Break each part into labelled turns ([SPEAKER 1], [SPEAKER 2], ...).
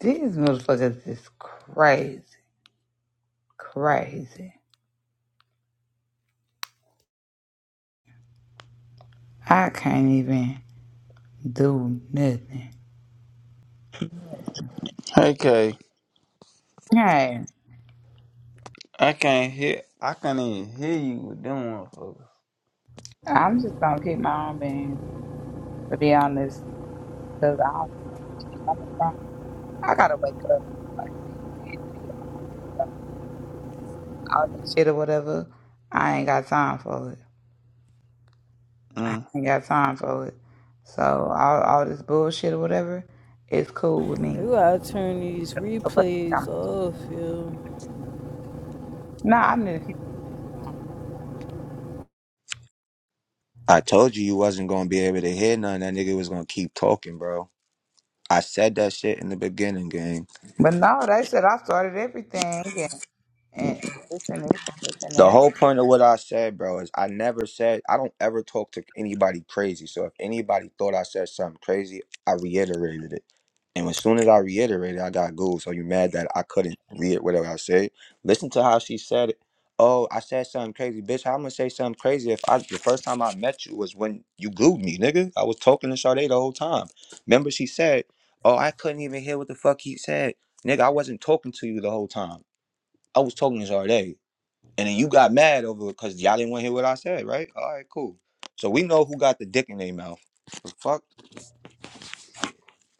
[SPEAKER 1] These motherfuckers is crazy, crazy. I can't even do nothing.
[SPEAKER 2] Hey, Kay.
[SPEAKER 1] Hey,
[SPEAKER 2] I can't hear. I can't even hear you with them motherfuckers.
[SPEAKER 1] I'm just gonna keep my own being, to be honest, because I don't even know where this shit coming from. I gotta wake up. Like, these kids be getting on my nerves already, so all that shit or whatever, I ain't got time for it.
[SPEAKER 2] Mm.
[SPEAKER 1] ain't got time for it. So, all, all this bullshit or whatever, it's cool with
[SPEAKER 3] You
[SPEAKER 1] me.
[SPEAKER 3] gotta turn these
[SPEAKER 1] But
[SPEAKER 3] replays
[SPEAKER 1] I'm-
[SPEAKER 3] off, yo.
[SPEAKER 1] Nah, I need to keep these bitches on.
[SPEAKER 4] I told you you wasn't gonna be able to hear none. That nigga was gonna keep talking, bro. I said that shit in the beginning, gang.
[SPEAKER 1] But no, they said I started everything and, and this and this and this and
[SPEAKER 4] The
[SPEAKER 1] that.
[SPEAKER 4] whole point of what I said, bro, is I never said I don't ever talk to anybody crazy. So if anybody thought I said something crazy, I reiterated it. And as soon as I reiterated, I got Google. So you mad that I couldn't read whatever I said? Listen to how she said it. Oh, I said something crazy, bitch. How am I gonna say something crazy if I the first time I met you was when you glued me, nigga? I was talking to Sade the whole time. Remember she said, "Oh, I couldn't even hear what the fuck he said, nigga. I wasn't talking to you the whole time. I was talking to Sade. And then you got mad over it because y'all didn't want to hear what I said, right? All right, cool. So we know who got the dick in their mouth. The fuck?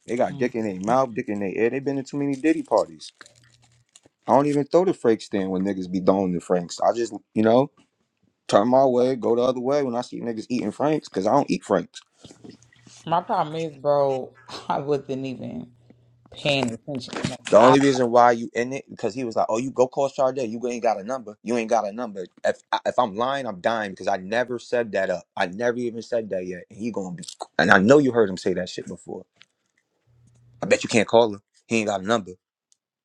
[SPEAKER 4] They got
[SPEAKER 1] Mhm.
[SPEAKER 4] dick in their mouth, dick in their ear. they been to too many Diddy parties. I don't even throw the Frank stand when niggas be throwing the Franks. I just, you know, turn my way, go the other way when I see niggas eating Franks because I don't eat Franks.
[SPEAKER 1] My problem is, bro, I wasn't even paying attention. Like,
[SPEAKER 4] The
[SPEAKER 1] I,
[SPEAKER 4] only reason why you in it because he was like, "Oh, you go call Sade. You ain't got a number. You ain't got a number." If I, if I'm lying, I'm dying because I never said that up. I never even said that yet. And he gonna be, and I know you heard him say that shit before. I bet you can't call her. He ain't got a number.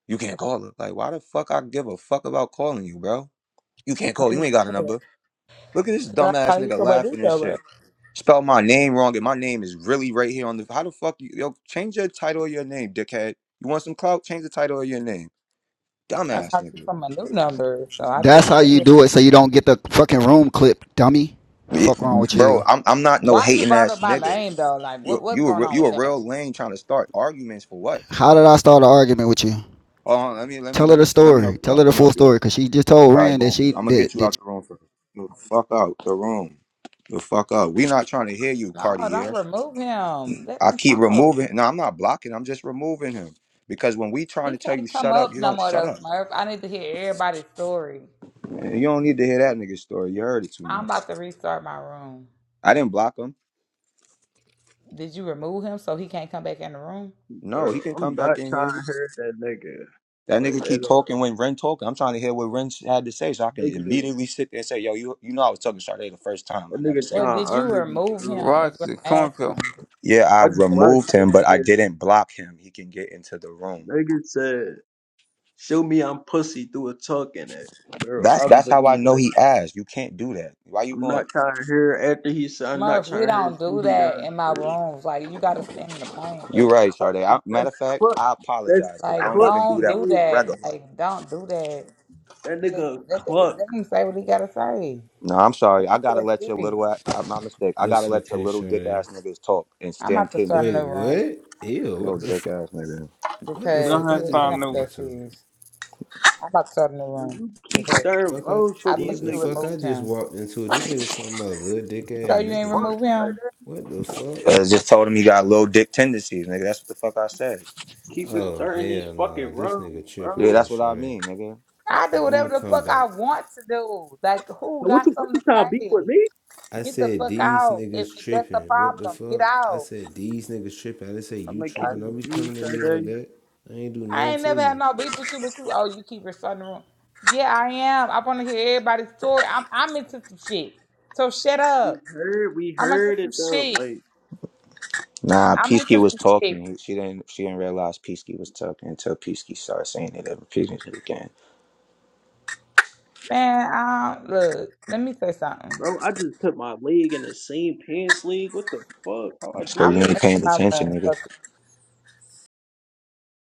[SPEAKER 4] You can't call her. Like, why the fuck I give a fuck about calling you, bro? You can't
[SPEAKER 1] I
[SPEAKER 4] call. You
[SPEAKER 1] didn't
[SPEAKER 4] ain't got a number. Look at this
[SPEAKER 1] So that's how
[SPEAKER 4] dumbass
[SPEAKER 1] you
[SPEAKER 4] nigga
[SPEAKER 1] from my new
[SPEAKER 4] laughing and shit.
[SPEAKER 1] number.
[SPEAKER 4] Spell my name wrong, and my name is really right here on the. How the fuck you? Yo, change your title of your name, dickhead. You want some clout? Change the title of your name,
[SPEAKER 1] That's
[SPEAKER 4] dumbass
[SPEAKER 1] how you
[SPEAKER 4] nigga.
[SPEAKER 1] from my new number. So I just
[SPEAKER 5] That's how you
[SPEAKER 1] said,
[SPEAKER 5] do it so you don't get the fucking room clipped, dummy.
[SPEAKER 4] Yeah,
[SPEAKER 5] Fuck wrong with
[SPEAKER 4] bro,
[SPEAKER 5] you.
[SPEAKER 4] I'm I'm not no
[SPEAKER 1] why you
[SPEAKER 4] hating
[SPEAKER 1] brought
[SPEAKER 4] ass
[SPEAKER 1] up my
[SPEAKER 4] nigga.
[SPEAKER 1] name though? Like, what
[SPEAKER 4] You
[SPEAKER 1] what's
[SPEAKER 4] you a
[SPEAKER 1] going
[SPEAKER 4] re-
[SPEAKER 1] on
[SPEAKER 4] you
[SPEAKER 1] with
[SPEAKER 4] a
[SPEAKER 1] that?
[SPEAKER 4] real lame trying to start arguments for what?
[SPEAKER 5] How did I start an argument with you?
[SPEAKER 4] Oh, let me let me
[SPEAKER 5] Tell her
[SPEAKER 4] let
[SPEAKER 5] the
[SPEAKER 4] me let me
[SPEAKER 5] story.
[SPEAKER 4] help you
[SPEAKER 5] Tell
[SPEAKER 4] out.
[SPEAKER 5] her
[SPEAKER 4] Let
[SPEAKER 5] the
[SPEAKER 4] me help
[SPEAKER 5] full
[SPEAKER 4] you out.
[SPEAKER 5] story because she just told
[SPEAKER 4] All right,
[SPEAKER 5] Rand that
[SPEAKER 4] boom.
[SPEAKER 5] she
[SPEAKER 4] I'm gonna
[SPEAKER 5] that,
[SPEAKER 4] get you
[SPEAKER 5] that
[SPEAKER 4] out the room first. Move the fuck out the room. The fuck out. We not trying to hear you, Cartier.
[SPEAKER 1] No, don't remove him. Let
[SPEAKER 4] I
[SPEAKER 1] him
[SPEAKER 4] keep
[SPEAKER 1] talk.
[SPEAKER 4] removing. No, I'm not blocking. I'm just removing him because when we trying
[SPEAKER 1] He
[SPEAKER 4] to tell you
[SPEAKER 1] can't come
[SPEAKER 4] shut up,
[SPEAKER 1] up
[SPEAKER 4] you
[SPEAKER 1] no
[SPEAKER 4] don't
[SPEAKER 1] more
[SPEAKER 4] shut
[SPEAKER 1] though,
[SPEAKER 4] up.
[SPEAKER 1] Smurf. I need to hear everybody's story.
[SPEAKER 4] Man, you don't need to hear that nigga story. You heard it too
[SPEAKER 1] I'm
[SPEAKER 4] much.
[SPEAKER 1] about to restart my room.
[SPEAKER 4] I didn't block him.
[SPEAKER 1] Did you remove him so he can't come back in the room?
[SPEAKER 4] No, he
[SPEAKER 6] Bro,
[SPEAKER 4] can
[SPEAKER 6] I'm
[SPEAKER 4] come back
[SPEAKER 6] not
[SPEAKER 4] in
[SPEAKER 6] trying
[SPEAKER 4] here.
[SPEAKER 6] to hurt that nigga.
[SPEAKER 4] That
[SPEAKER 6] Like,
[SPEAKER 4] nigga keep
[SPEAKER 6] at all.
[SPEAKER 4] talking when Ren talking. I'm trying to hear what Ren had to say so I can
[SPEAKER 6] That nigga,
[SPEAKER 4] immediately sit there and say, "Yo, you you know I was talking to Sade the first time. I
[SPEAKER 6] that
[SPEAKER 4] never
[SPEAKER 6] nigga
[SPEAKER 4] said
[SPEAKER 1] But
[SPEAKER 6] trying to
[SPEAKER 4] nothing
[SPEAKER 1] did
[SPEAKER 4] to you."
[SPEAKER 1] you
[SPEAKER 6] argue,
[SPEAKER 1] remove
[SPEAKER 6] bro.
[SPEAKER 1] him? Is what
[SPEAKER 2] Roxy,
[SPEAKER 1] I'm
[SPEAKER 2] come up here.
[SPEAKER 1] asking.
[SPEAKER 4] Yeah, I
[SPEAKER 6] I
[SPEAKER 1] I'm about
[SPEAKER 6] just
[SPEAKER 1] to
[SPEAKER 6] watched
[SPEAKER 4] removed
[SPEAKER 6] that
[SPEAKER 1] remove
[SPEAKER 4] him,
[SPEAKER 1] him.
[SPEAKER 4] but I
[SPEAKER 6] nigga.
[SPEAKER 4] didn't block him. He can get into the room.
[SPEAKER 6] Nigga said, show me I'm pussy through a tuck in it. Bro,
[SPEAKER 4] That's
[SPEAKER 6] I
[SPEAKER 4] that's how I
[SPEAKER 6] believe,
[SPEAKER 4] know
[SPEAKER 6] like,
[SPEAKER 4] he asked. You can't do that. Why you
[SPEAKER 6] I'm not
[SPEAKER 4] going?
[SPEAKER 6] trying to hear after he said, I'm not
[SPEAKER 1] Murph,
[SPEAKER 6] trying
[SPEAKER 1] we
[SPEAKER 6] to hear
[SPEAKER 1] don't
[SPEAKER 6] shit
[SPEAKER 1] do
[SPEAKER 6] he got
[SPEAKER 1] that
[SPEAKER 6] to
[SPEAKER 1] in my
[SPEAKER 6] say.
[SPEAKER 1] rooms. Like you gotta stand in the paint.
[SPEAKER 6] That's
[SPEAKER 4] you right, Sade. I,
[SPEAKER 6] clutch.
[SPEAKER 4] matter
[SPEAKER 6] That's
[SPEAKER 4] of fact,
[SPEAKER 6] clutch.
[SPEAKER 4] I
[SPEAKER 6] That's
[SPEAKER 4] apologize because I
[SPEAKER 1] Like
[SPEAKER 4] don't
[SPEAKER 6] clutch
[SPEAKER 4] even do
[SPEAKER 1] don't
[SPEAKER 4] that
[SPEAKER 1] do
[SPEAKER 4] on
[SPEAKER 6] behavior.
[SPEAKER 4] the
[SPEAKER 1] that.
[SPEAKER 4] regular.
[SPEAKER 1] Like don't do that.
[SPEAKER 6] That
[SPEAKER 1] Just
[SPEAKER 6] nigga a
[SPEAKER 1] let, the,
[SPEAKER 6] cluck.
[SPEAKER 1] let him say what he gotta say.
[SPEAKER 4] No, I'm
[SPEAKER 1] It
[SPEAKER 4] sorry. I
[SPEAKER 1] ain't
[SPEAKER 4] gotta
[SPEAKER 1] that
[SPEAKER 4] let your
[SPEAKER 1] serious.
[SPEAKER 4] little a- uh, my mistake. I gotta
[SPEAKER 7] What's up,
[SPEAKER 4] let your
[SPEAKER 7] K
[SPEAKER 4] little dick
[SPEAKER 7] Shorty?
[SPEAKER 4] ass niggas talk and
[SPEAKER 1] I'm
[SPEAKER 4] stand
[SPEAKER 1] about to
[SPEAKER 4] tender
[SPEAKER 1] start a
[SPEAKER 7] Wait,
[SPEAKER 1] new
[SPEAKER 4] dick.
[SPEAKER 1] room
[SPEAKER 7] what? Ew,
[SPEAKER 4] Little
[SPEAKER 7] what the
[SPEAKER 4] dick
[SPEAKER 7] fuck?
[SPEAKER 4] ass nigga.
[SPEAKER 7] What the
[SPEAKER 2] Go
[SPEAKER 1] because
[SPEAKER 2] ahead
[SPEAKER 7] fuck I
[SPEAKER 2] and
[SPEAKER 1] it,
[SPEAKER 7] just
[SPEAKER 1] it
[SPEAKER 2] start
[SPEAKER 1] ain't
[SPEAKER 7] walked
[SPEAKER 2] new.
[SPEAKER 1] that
[SPEAKER 7] into?
[SPEAKER 1] serious. I'm about to start a new room
[SPEAKER 6] You keep
[SPEAKER 1] because
[SPEAKER 6] stirring
[SPEAKER 7] Fuck I,
[SPEAKER 6] rounds for
[SPEAKER 1] I think
[SPEAKER 6] these
[SPEAKER 7] what the
[SPEAKER 1] you
[SPEAKER 6] niggas.
[SPEAKER 7] fuck I
[SPEAKER 1] removed
[SPEAKER 7] just
[SPEAKER 1] him.
[SPEAKER 7] walked into? This nigga talking about little dick
[SPEAKER 1] You
[SPEAKER 7] ass
[SPEAKER 1] sure you ain't
[SPEAKER 7] niggas.
[SPEAKER 6] Fuck.
[SPEAKER 7] What,
[SPEAKER 1] removed
[SPEAKER 6] Like,
[SPEAKER 1] him?
[SPEAKER 7] what the fuck?
[SPEAKER 4] Uh, just told him he got little dick tendencies, nigga. That's what the fuck I said.
[SPEAKER 6] Keep
[SPEAKER 7] Oh
[SPEAKER 6] stirring these
[SPEAKER 7] hell nah,
[SPEAKER 6] fucking
[SPEAKER 7] this
[SPEAKER 6] rounds,
[SPEAKER 7] nigga tripping,
[SPEAKER 4] Yeah,
[SPEAKER 6] bro.
[SPEAKER 7] K
[SPEAKER 4] that's what I
[SPEAKER 7] Shorty.
[SPEAKER 4] mean, nigga.
[SPEAKER 1] I do
[SPEAKER 7] I'm, I'm
[SPEAKER 1] whatever
[SPEAKER 7] gonna
[SPEAKER 1] the
[SPEAKER 7] come
[SPEAKER 1] fuck I
[SPEAKER 7] back.
[SPEAKER 1] want to do. Like, who
[SPEAKER 6] So what you
[SPEAKER 1] got
[SPEAKER 6] what
[SPEAKER 1] something
[SPEAKER 6] you
[SPEAKER 1] to
[SPEAKER 6] trying to be
[SPEAKER 1] say?
[SPEAKER 6] with me?
[SPEAKER 7] I
[SPEAKER 1] Get the
[SPEAKER 7] said
[SPEAKER 1] fuck
[SPEAKER 7] these
[SPEAKER 1] out. If,
[SPEAKER 7] niggas
[SPEAKER 1] if that's the
[SPEAKER 7] tripping. What the
[SPEAKER 1] problem, get
[SPEAKER 7] fuck? I
[SPEAKER 1] out.
[SPEAKER 7] said these niggas tripping. I didn't say
[SPEAKER 6] I'm
[SPEAKER 7] you
[SPEAKER 6] like
[SPEAKER 1] Fuck.
[SPEAKER 7] tripping.
[SPEAKER 6] keeping the
[SPEAKER 7] Don't be
[SPEAKER 6] beam,
[SPEAKER 7] coming at me like
[SPEAKER 6] Sade.
[SPEAKER 7] that. I ain't do
[SPEAKER 1] I
[SPEAKER 7] nothing
[SPEAKER 1] ain't
[SPEAKER 7] to
[SPEAKER 1] never had
[SPEAKER 7] you.
[SPEAKER 1] no beef with you, but you, oh, you keep restarting the room. Yeah, I am. I want to hear everybody's story. I'm, I'm into some shit. So shut up.
[SPEAKER 6] We heard, we
[SPEAKER 1] I'm into
[SPEAKER 6] heard it
[SPEAKER 1] some
[SPEAKER 6] though.
[SPEAKER 1] shit.
[SPEAKER 6] Like,
[SPEAKER 4] Nah,
[SPEAKER 1] I'm into
[SPEAKER 4] Peasky
[SPEAKER 1] some
[SPEAKER 4] was
[SPEAKER 1] shit.
[SPEAKER 4] talking. He- She didn't. She didn't realize Peasky was talking until Peasky started saying it every Peasky again.
[SPEAKER 1] Man, I don't, look, let me say something.
[SPEAKER 6] bro, I just put my leg in the same pants leg. What the fuck? How I do
[SPEAKER 4] Because
[SPEAKER 1] I'm
[SPEAKER 4] you
[SPEAKER 1] in
[SPEAKER 6] that?
[SPEAKER 4] ain't paying
[SPEAKER 1] my
[SPEAKER 4] attention,
[SPEAKER 1] room.
[SPEAKER 4] nigga.
[SPEAKER 1] So